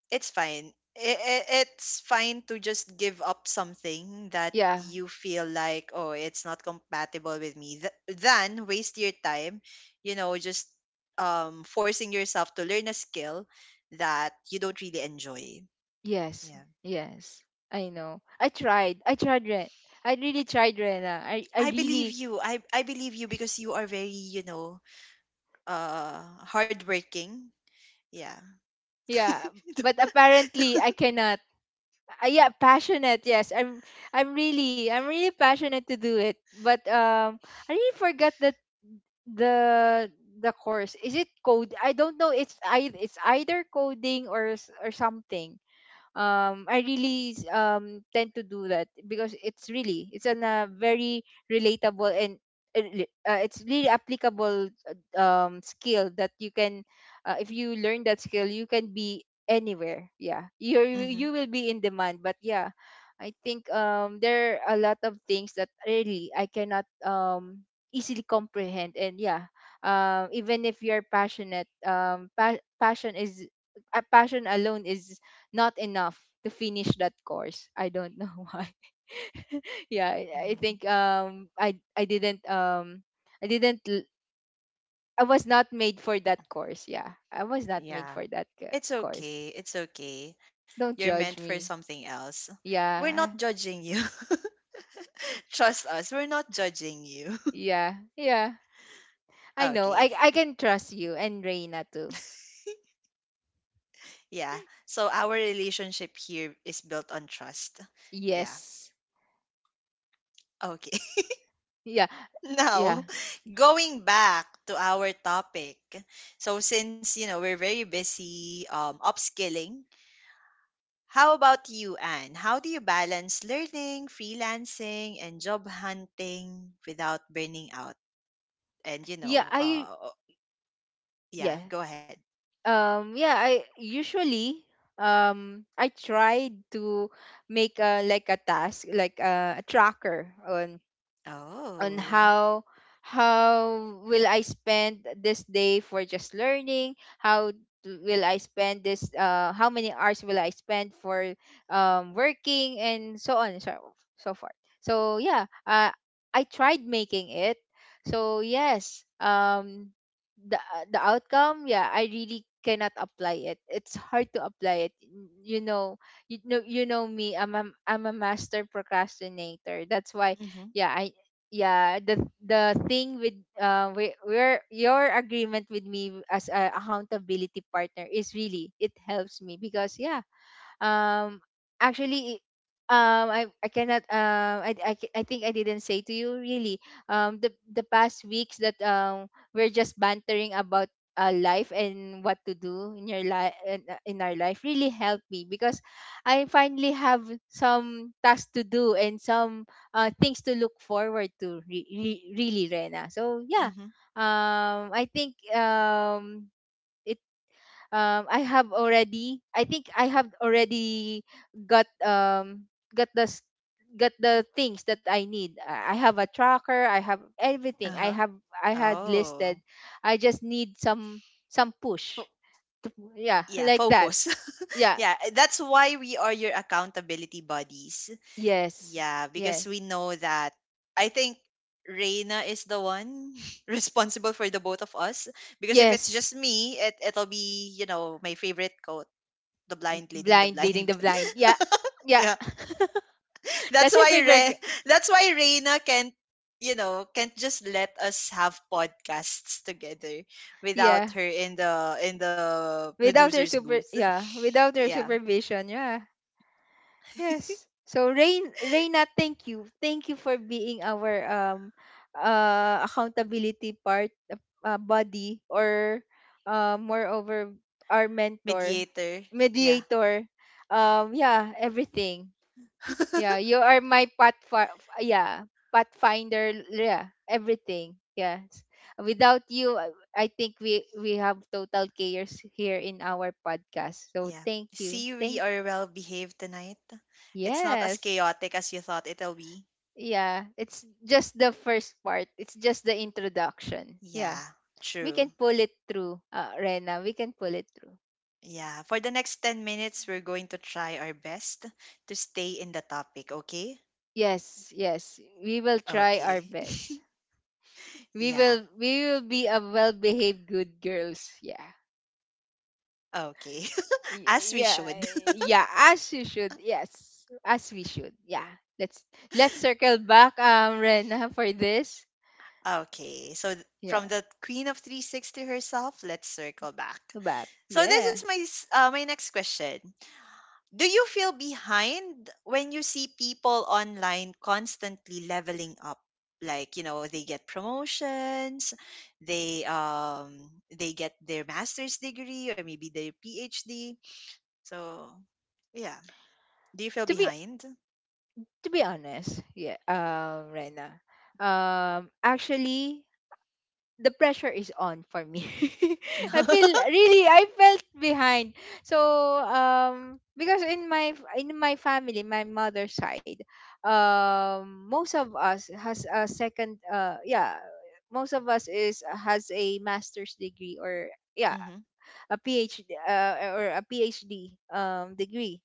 It's fine. It's fine to just give up something that
yeah.
you feel like, oh, it's not compatible with me. Than waste your time, you know, just forcing yourself to learn a skill that you don't really enjoy.
Yes.
Yeah.
Yes. I know. I tried. I tried, Ren. I really tried, Rena. I
I believe
really
you. I believe you because you are very, you know, uh hardworking. Yeah.
yeah, but apparently I cannot. Yeah, passionate, yes. I'm really, I'm really passionate to do it, but I really forgot that the the course is, it code, I don't know. It's I it's either coding or or something. I really tend to do that because it's really it's an very relatable and it's really applicable skill that you can if you learn that skill, you can be anywhere. Yeah, you
Mm-hmm.
you will be in demand. But yeah, I think there are a lot of things that really I cannot easily comprehend. And yeah, even if you're passionate, passion is a passion alone is not enough to finish that course. I don't know why. Yeah, I think I didn't I didn't I was not made for that course. Yeah. I was not made
Yeah.
for that
It's
course.
okay. It's okay. You're
Don't
meant
judge
for
me.
something else. We're not
Yeah.
judging you. Trust us. We're not judging you.
Yeah. Yeah. I know.
Okay.
I can trust you and Reina too.
Yeah. So our relationship here is built on trust. Yeah.
Yes.
Okay.
Yeah. Yeah.
Now, going back to our topic. So since, you know, we're very busy upskilling, how about you, Anne? How do you balance learning, freelancing, and job hunting without burning out? And you
Yeah,
know,
I
yeah,
yeah.
go ahead.
Yeah, I usually I tried to make a, like a task, like a tracker on
Oh,
how will I spend this day for just learning. Will I spend this? How many hours will I spend for working and so on and so forth. So yeah, I tried making it. So yes, the outcome, yeah, I really cannot apply it. It's hard to apply it. You know, you know, you know me. I'm a master procrastinator. That's why
mm-hmm,
yeah I yeah the thing with we're your agreement with me as a accountability partner is really, it helps me, because yeah um actually I cannot I think I didn't say to you really the past weeks, that we're just bantering about life and what to do in your life in our life, really helped me. Because I finally have some tasks to do and some things to look forward to really, Rena. So yeah,
mm-hmm,
I think I have already, I think I have already got the got the things that I need. I have a tracker, I have everything. I
uh-huh.
have I had listed.
Oh,
I just need some
fo-
push. to- yeah,
yeah,
like that.
focus.
Yeah.
Yeah, that's why we are your accountability buddies.
Yes.
Yeah, because
Yes.
we know that. I think Reina is the one responsible for the both of us. Because if it's
Yes.
just me, it it'll be you know my favorite quote: "The blind leading the
Blind leading the
blind."
blind. Yeah. Yeah. That's your favorite.
That's why Reina can't you know can't just let us have podcasts together without
Yeah.
her in the
Without her
producer's
super
booth.
yeah, without her
Yeah,
supervision. Yeah. Yes. So Rain Reina, thank you. Thank you for being our accountability part, body, or moreover, our mentor,
mediator. Yeah.
mediator. Yeah, everything. Yeah, you are my yeah, pathfinder, yeah, everything. Yes. Without you, I think we have total chaos here in our podcast. So
Yeah.
thank you.
See, we
Thank.
are well behaved tonight. It's not as
Yes.
chaotic as you thought it'll be.
Yeah, it's just the first part. It's just the introduction. Yeah,
Yeah,
we
true.
can pull it through, Rena. We can pull it through.
Yeah, for the next 10 minutes, we're going to try our best to stay in the topic, okay?
Yes, yes. We will try our
Okay.
best. We
Yeah,
will. We will be a well-behaved good girls. Yeah,
okay. As
Y-
we
yeah,
should.
yeah. As you should. Yes, as we should. Yeah. Let's let's circle back, Rena, for this.
Okay, so
Yeah,
from the Queen of 360 herself, let's circle back.
back.
So this
Yeah.
is my next question. Do you feel behind when you see people online constantly leveling up? Like, you know, they get promotions, they get their master's degree or maybe their PhD. So, yeah. Do you feel
To be
behind?
honest, yeah, Rena, actually, the pressure is on for me. I feel really, I felt behind. So, because in my family, my mother's side, most of us has a second, yeah, most of us is has a master's degree or yeah
Hmm.
a PhD, or a PhD degree.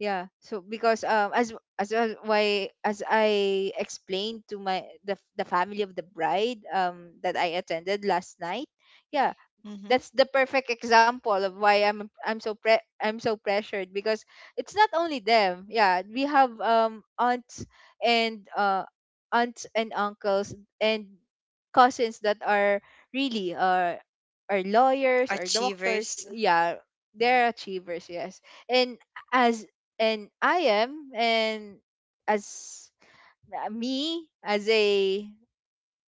Yeah. So because as I explained to my, the family of the bride that I attended last night, yeah,
Hmm.
that's the perfect example of why I'm so I'm so pressured. Because it's not only them. Yeah, we have aunts and aunts and uncles and cousins that are really are lawyers or doctors.
Achievers.
Yeah,
Yeah.
they're achievers, yes. And as and I am and as me as a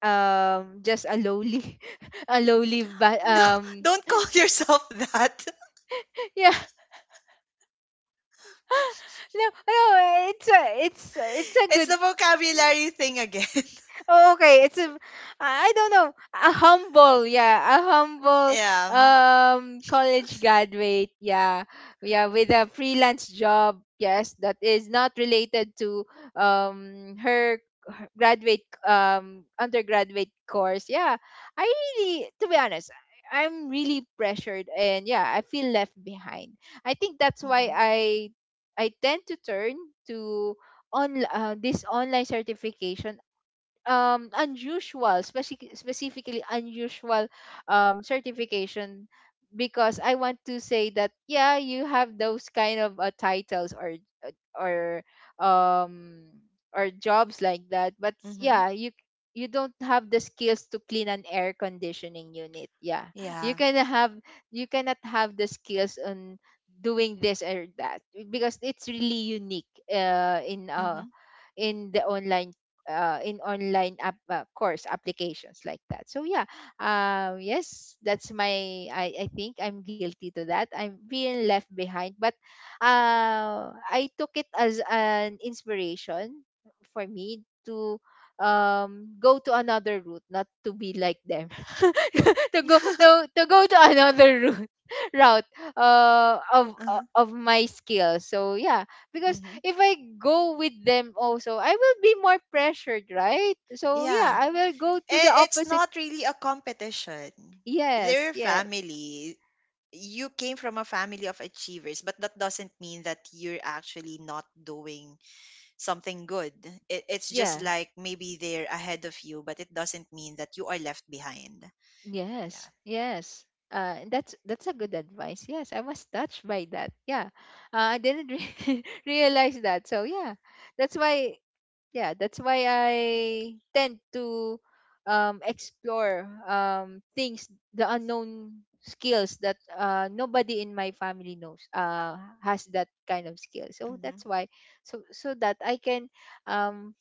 just a lowly a lowly, but
No, don't call yourself that.
yeah, no, no, it's a, it's it's a
It's
good.
the vocabulary thing again.
Oh, okay. It's a, I don't know, a humble, yeah, a humble
Yeah.
college graduate, yeah, yeah, with a freelance job, yes, that is not related to her her graduate undergraduate course. Yeah, I really, to be honest, I'm really pressured, and yeah, I feel left behind. I think that's why
Mm-hmm.
I tend to turn to on this online certification, unusual, specifically unusual certification, because I want to say that yeah, you have those kind of titles or um or jobs like that, but
Mm-hmm.
yeah, you don't have the skills to clean an air conditioning unit, yeah. You
Yeah.
can have, you cannot have the skills on doing this or that, because it's really unique
Mm-hmm.
in the online in online course applications like that. So yeah, yes, that's my. I think I'm guilty to that. I'm being left behind, but I took it as an inspiration for me to go to another route, not to be like them, to go no, to go to another route route
Uh-huh.
of my skills. So yeah, because
Mm-hmm.
if I go with them also, I will be more pressured, right? So yeah,
Yeah.
I will go to the
And it's
opposite.
not really a competition.
Yes,
They're
yeah,
family. You came from a family of achievers, but that doesn't mean that you're actually not doing something good. It's just
yeah,
like maybe they're ahead of you, but it doesn't mean that you are left behind. Yeah.
yes, yes. That's a good advice. Yes, I was touched by that. Yeah, I didn't realize that. So that's why yeah that's why I tend to explore things, the unknown skills that nobody in my family knows, has that kind of skill. So
Mm-hmm.
that's why so that I can um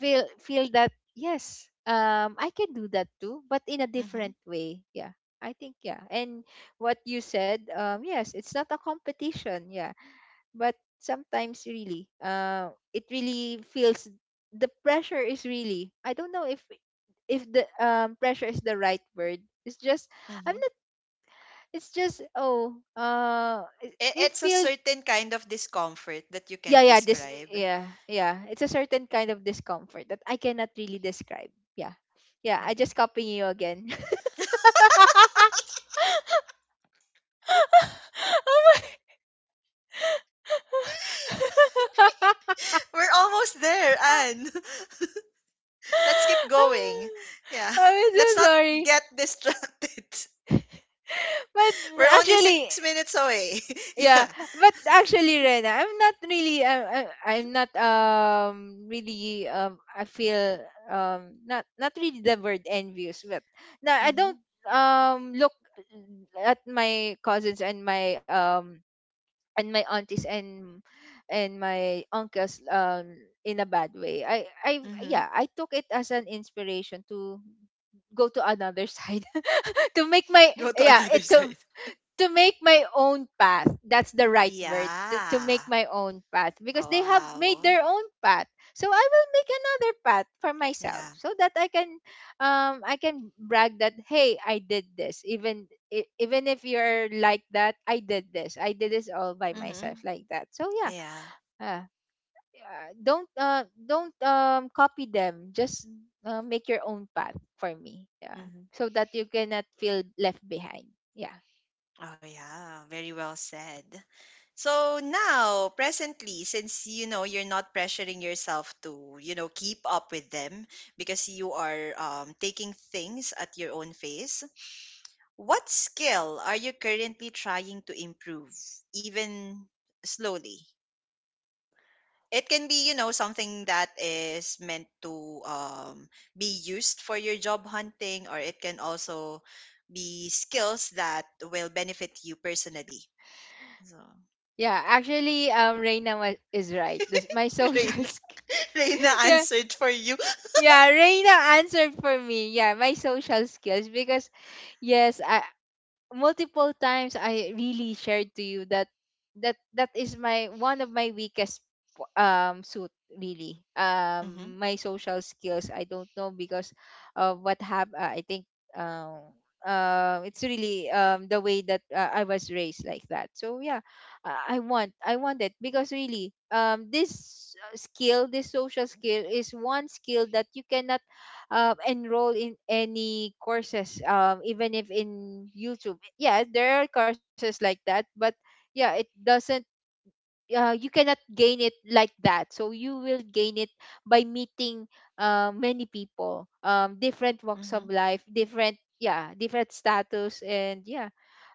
feel, feel that yes, I can do that too, but in a
Mm-hmm.
different way. Yeah, I think yeah. And what you said, yes, it's not a competition, yeah. But sometimes really it really feels the pressure is really, I don't know if the pressure is the right word. It's just, I'm
Mm-hmm.
not, it's just oh it it
It's a
feel
certain kind of discomfort that you
yeah,
can't
yeah, this
describe.
yeah, yeah, it's a certain kind of discomfort that I cannot really describe. Yeah. Yeah, I
Hmm.
just copying you again. Oh my.
We're almost there, Anne. Let's keep going. Yeah.
I'm
Let's
so
not
sorry.
get distracted.
But
We're only six
actually
minutes away. Yeah.
yeah, but actually, Rena, I'm not really, I'm I'm not really I feel not, not really the word envious, but no, I don't
Mm-hmm.
look at my cousins and my aunties and my uncles in a bad way. I
Mm-hmm.
yeah, I took it as an inspiration to go to another side, to make my,
Go to
yeah,
another
it
side.
to make my own path. That's the right word. To make
Yeah.
my own path, because
Oh,
they have made
wow.
their own path. So I will make another path for myself
Yeah.
so that I can brag that, hey, I did this. Even if you're like that, I did this. I did this all by
Mm-hmm.
myself like that. So yeah.
Yeah.
Uh, yeah, don't copy them. Just make your own path for me. Yeah.
Mm-hmm.
So that you cannot feel left behind. Yeah.
Oh yeah, very well said. So now, presently, since you know you're not pressuring yourself to, you know, keep up with them because you are taking things at your own pace, what skill are you currently trying to improve, even slowly? It can be, you know, something that is meant to be used for your job hunting, or it can also be skills that will benefit you personally. So.
Yeah, actually, Reina is right. This, my social
Reina,
sk-
Reina
yeah,
answered for you.
yeah, Reina answered for me. Yeah, my social skills because yes, I, multiple times I really shared to you that that is my one of my weakest suit, really.
Mm-hmm,
My social skills, I don't know, because of what happened. I think, um it's really the way that I was raised like that, so yeah. I want, I want it, because really this skill, this social skill, is one skill that you cannot enroll in any courses, even if in YouTube. Yeah, there are courses like that, but yeah, it doesn't, you cannot gain it like that. So you will gain it by meeting many people, different walks
mm-hmm,
of life, different, yeah, different status, and yeah,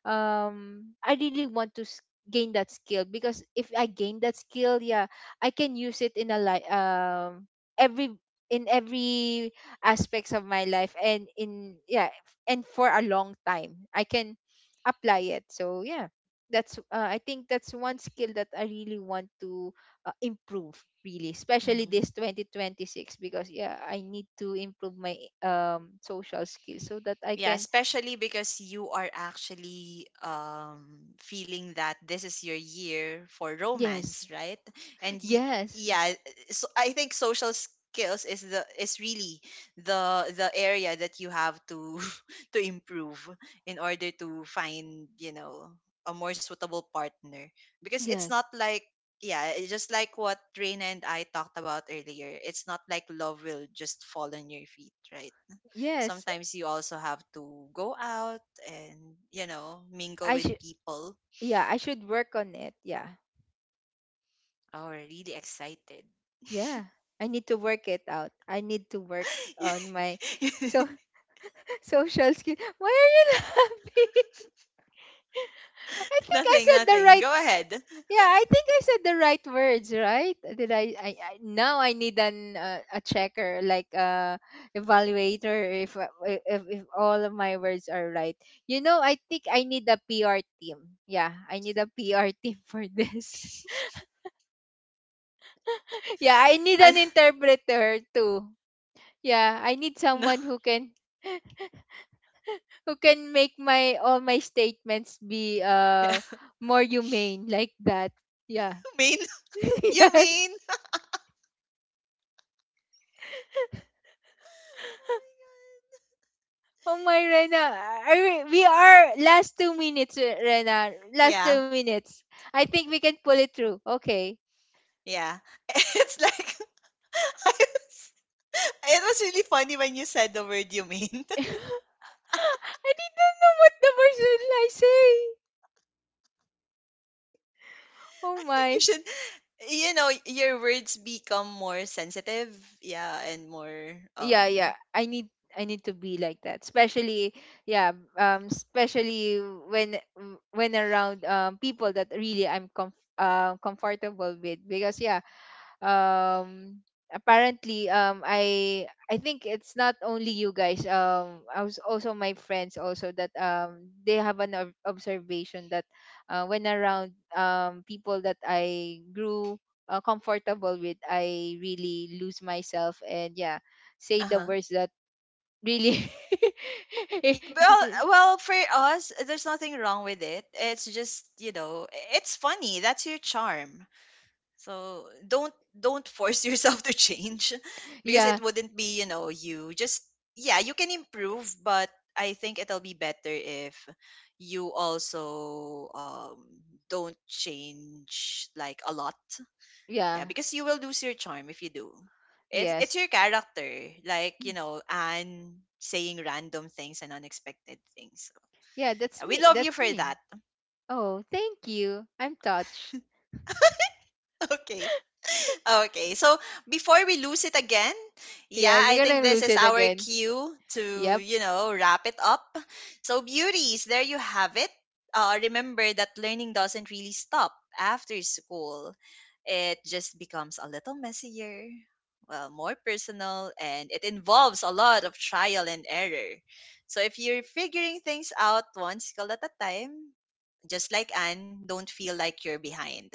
I really want to gain that skill, because if I gain that skill, yeah, I can use it in every, in every aspects of my life, and in, yeah, and for a long time I can apply it. So yeah, that's I think that's one skill that I really want to improve, really, especially
mm-hmm.
this 2026, because yeah, I need to improve my social skills so that I
Yeah,
can.
especially because you are actually feeling that this is your year for
Yes,
romance, right? And y-
yes,
yeah, so I think social skills is the is really the area that you have to to improve in order to find you know a more suitable partner because it's not
yes,
like yeah it's just like what Reina and I talked about earlier, it's not like love will just fall on your feet, right?
yes,
Sometimes you also have to go out and you know mingle
I
with
should.
people.
Yeah, I should work on it. Yeah,
Oh, we're really excited.
yeah, I need to work it out, I need to work on my, so, social skill. Why are you laughing? I think
Nothing,
I said the
nothing, go
right
ahead.
Yeah, I think I said the right words, right? Did I? Now I need an a checker, like, evaluator, if, if all of my words are right. You know, I think I need a PR team. Yeah, I need a PR team for this. Yeah, I need
And
an interpreter too. Yeah, I need
No.
someone who can who can make my, all my statements, be
Yeah.
more humane like that. Yeah.
Mean. You
Yes.
mean.
Oh my, Rena, are we are last 2 minutes, Rena. Last two
Yeah,
minutes. I think we can pull it through. Okay.
yeah. It's like I was, it was really funny when you said the word you mean. I
I didn't know what number should I say. Oh
think you
my.
should you know your words become more sensitive, yeah, and more
Yeah, yeah. I need to be like that. Especially, yeah, especially when around people that really I'm comfortable with, because yeah, um apparently, I think it's not only you guys, I was, also my friends also, that they have an observation that when around people that I grew comfortable with, I really lose myself, and yeah, say the
uh
words that really.
Y- well, well, for us, there's nothing wrong with it. It's just, you know, it's funny. That's your charm. So don't force yourself to change because it
Yeah,
wouldn't be, you know, you just yeah, you can improve, but I think it'll be better if you also don't change like a lot, yeah,
yeah,
because you will lose your charm if you do. It's
yes,
your character, like you know, Anne saying random things and unexpected things. So,
yeah, that's
yeah, we
me,
love you
that's
for that.
me. Oh thank you, I'm touched.
Okay, okay, so before we lose it again, yeah,
Yeah, we're
I think
gonna
this
lose
is
it
our
again.
cue to,
Yep.
you know, wrap it up. So, beauties, there you have it. Remember that learning doesn't really stop after school, it just becomes a little messier, well, more personal, and it involves a lot of trial and error. So, if you're figuring things out one skill at a time, just like Anne, don't feel like you're behind.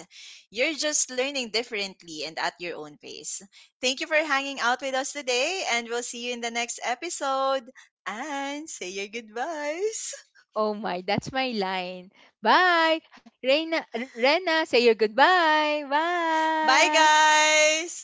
You're just learning differently and at your own pace. Thank you for hanging out with us today, and we'll see you in the next episode. And say your goodbyes.
Oh my, that's my line. Bye. Reina, Rena, say your goodbye.
Bye,
Bye.
guys.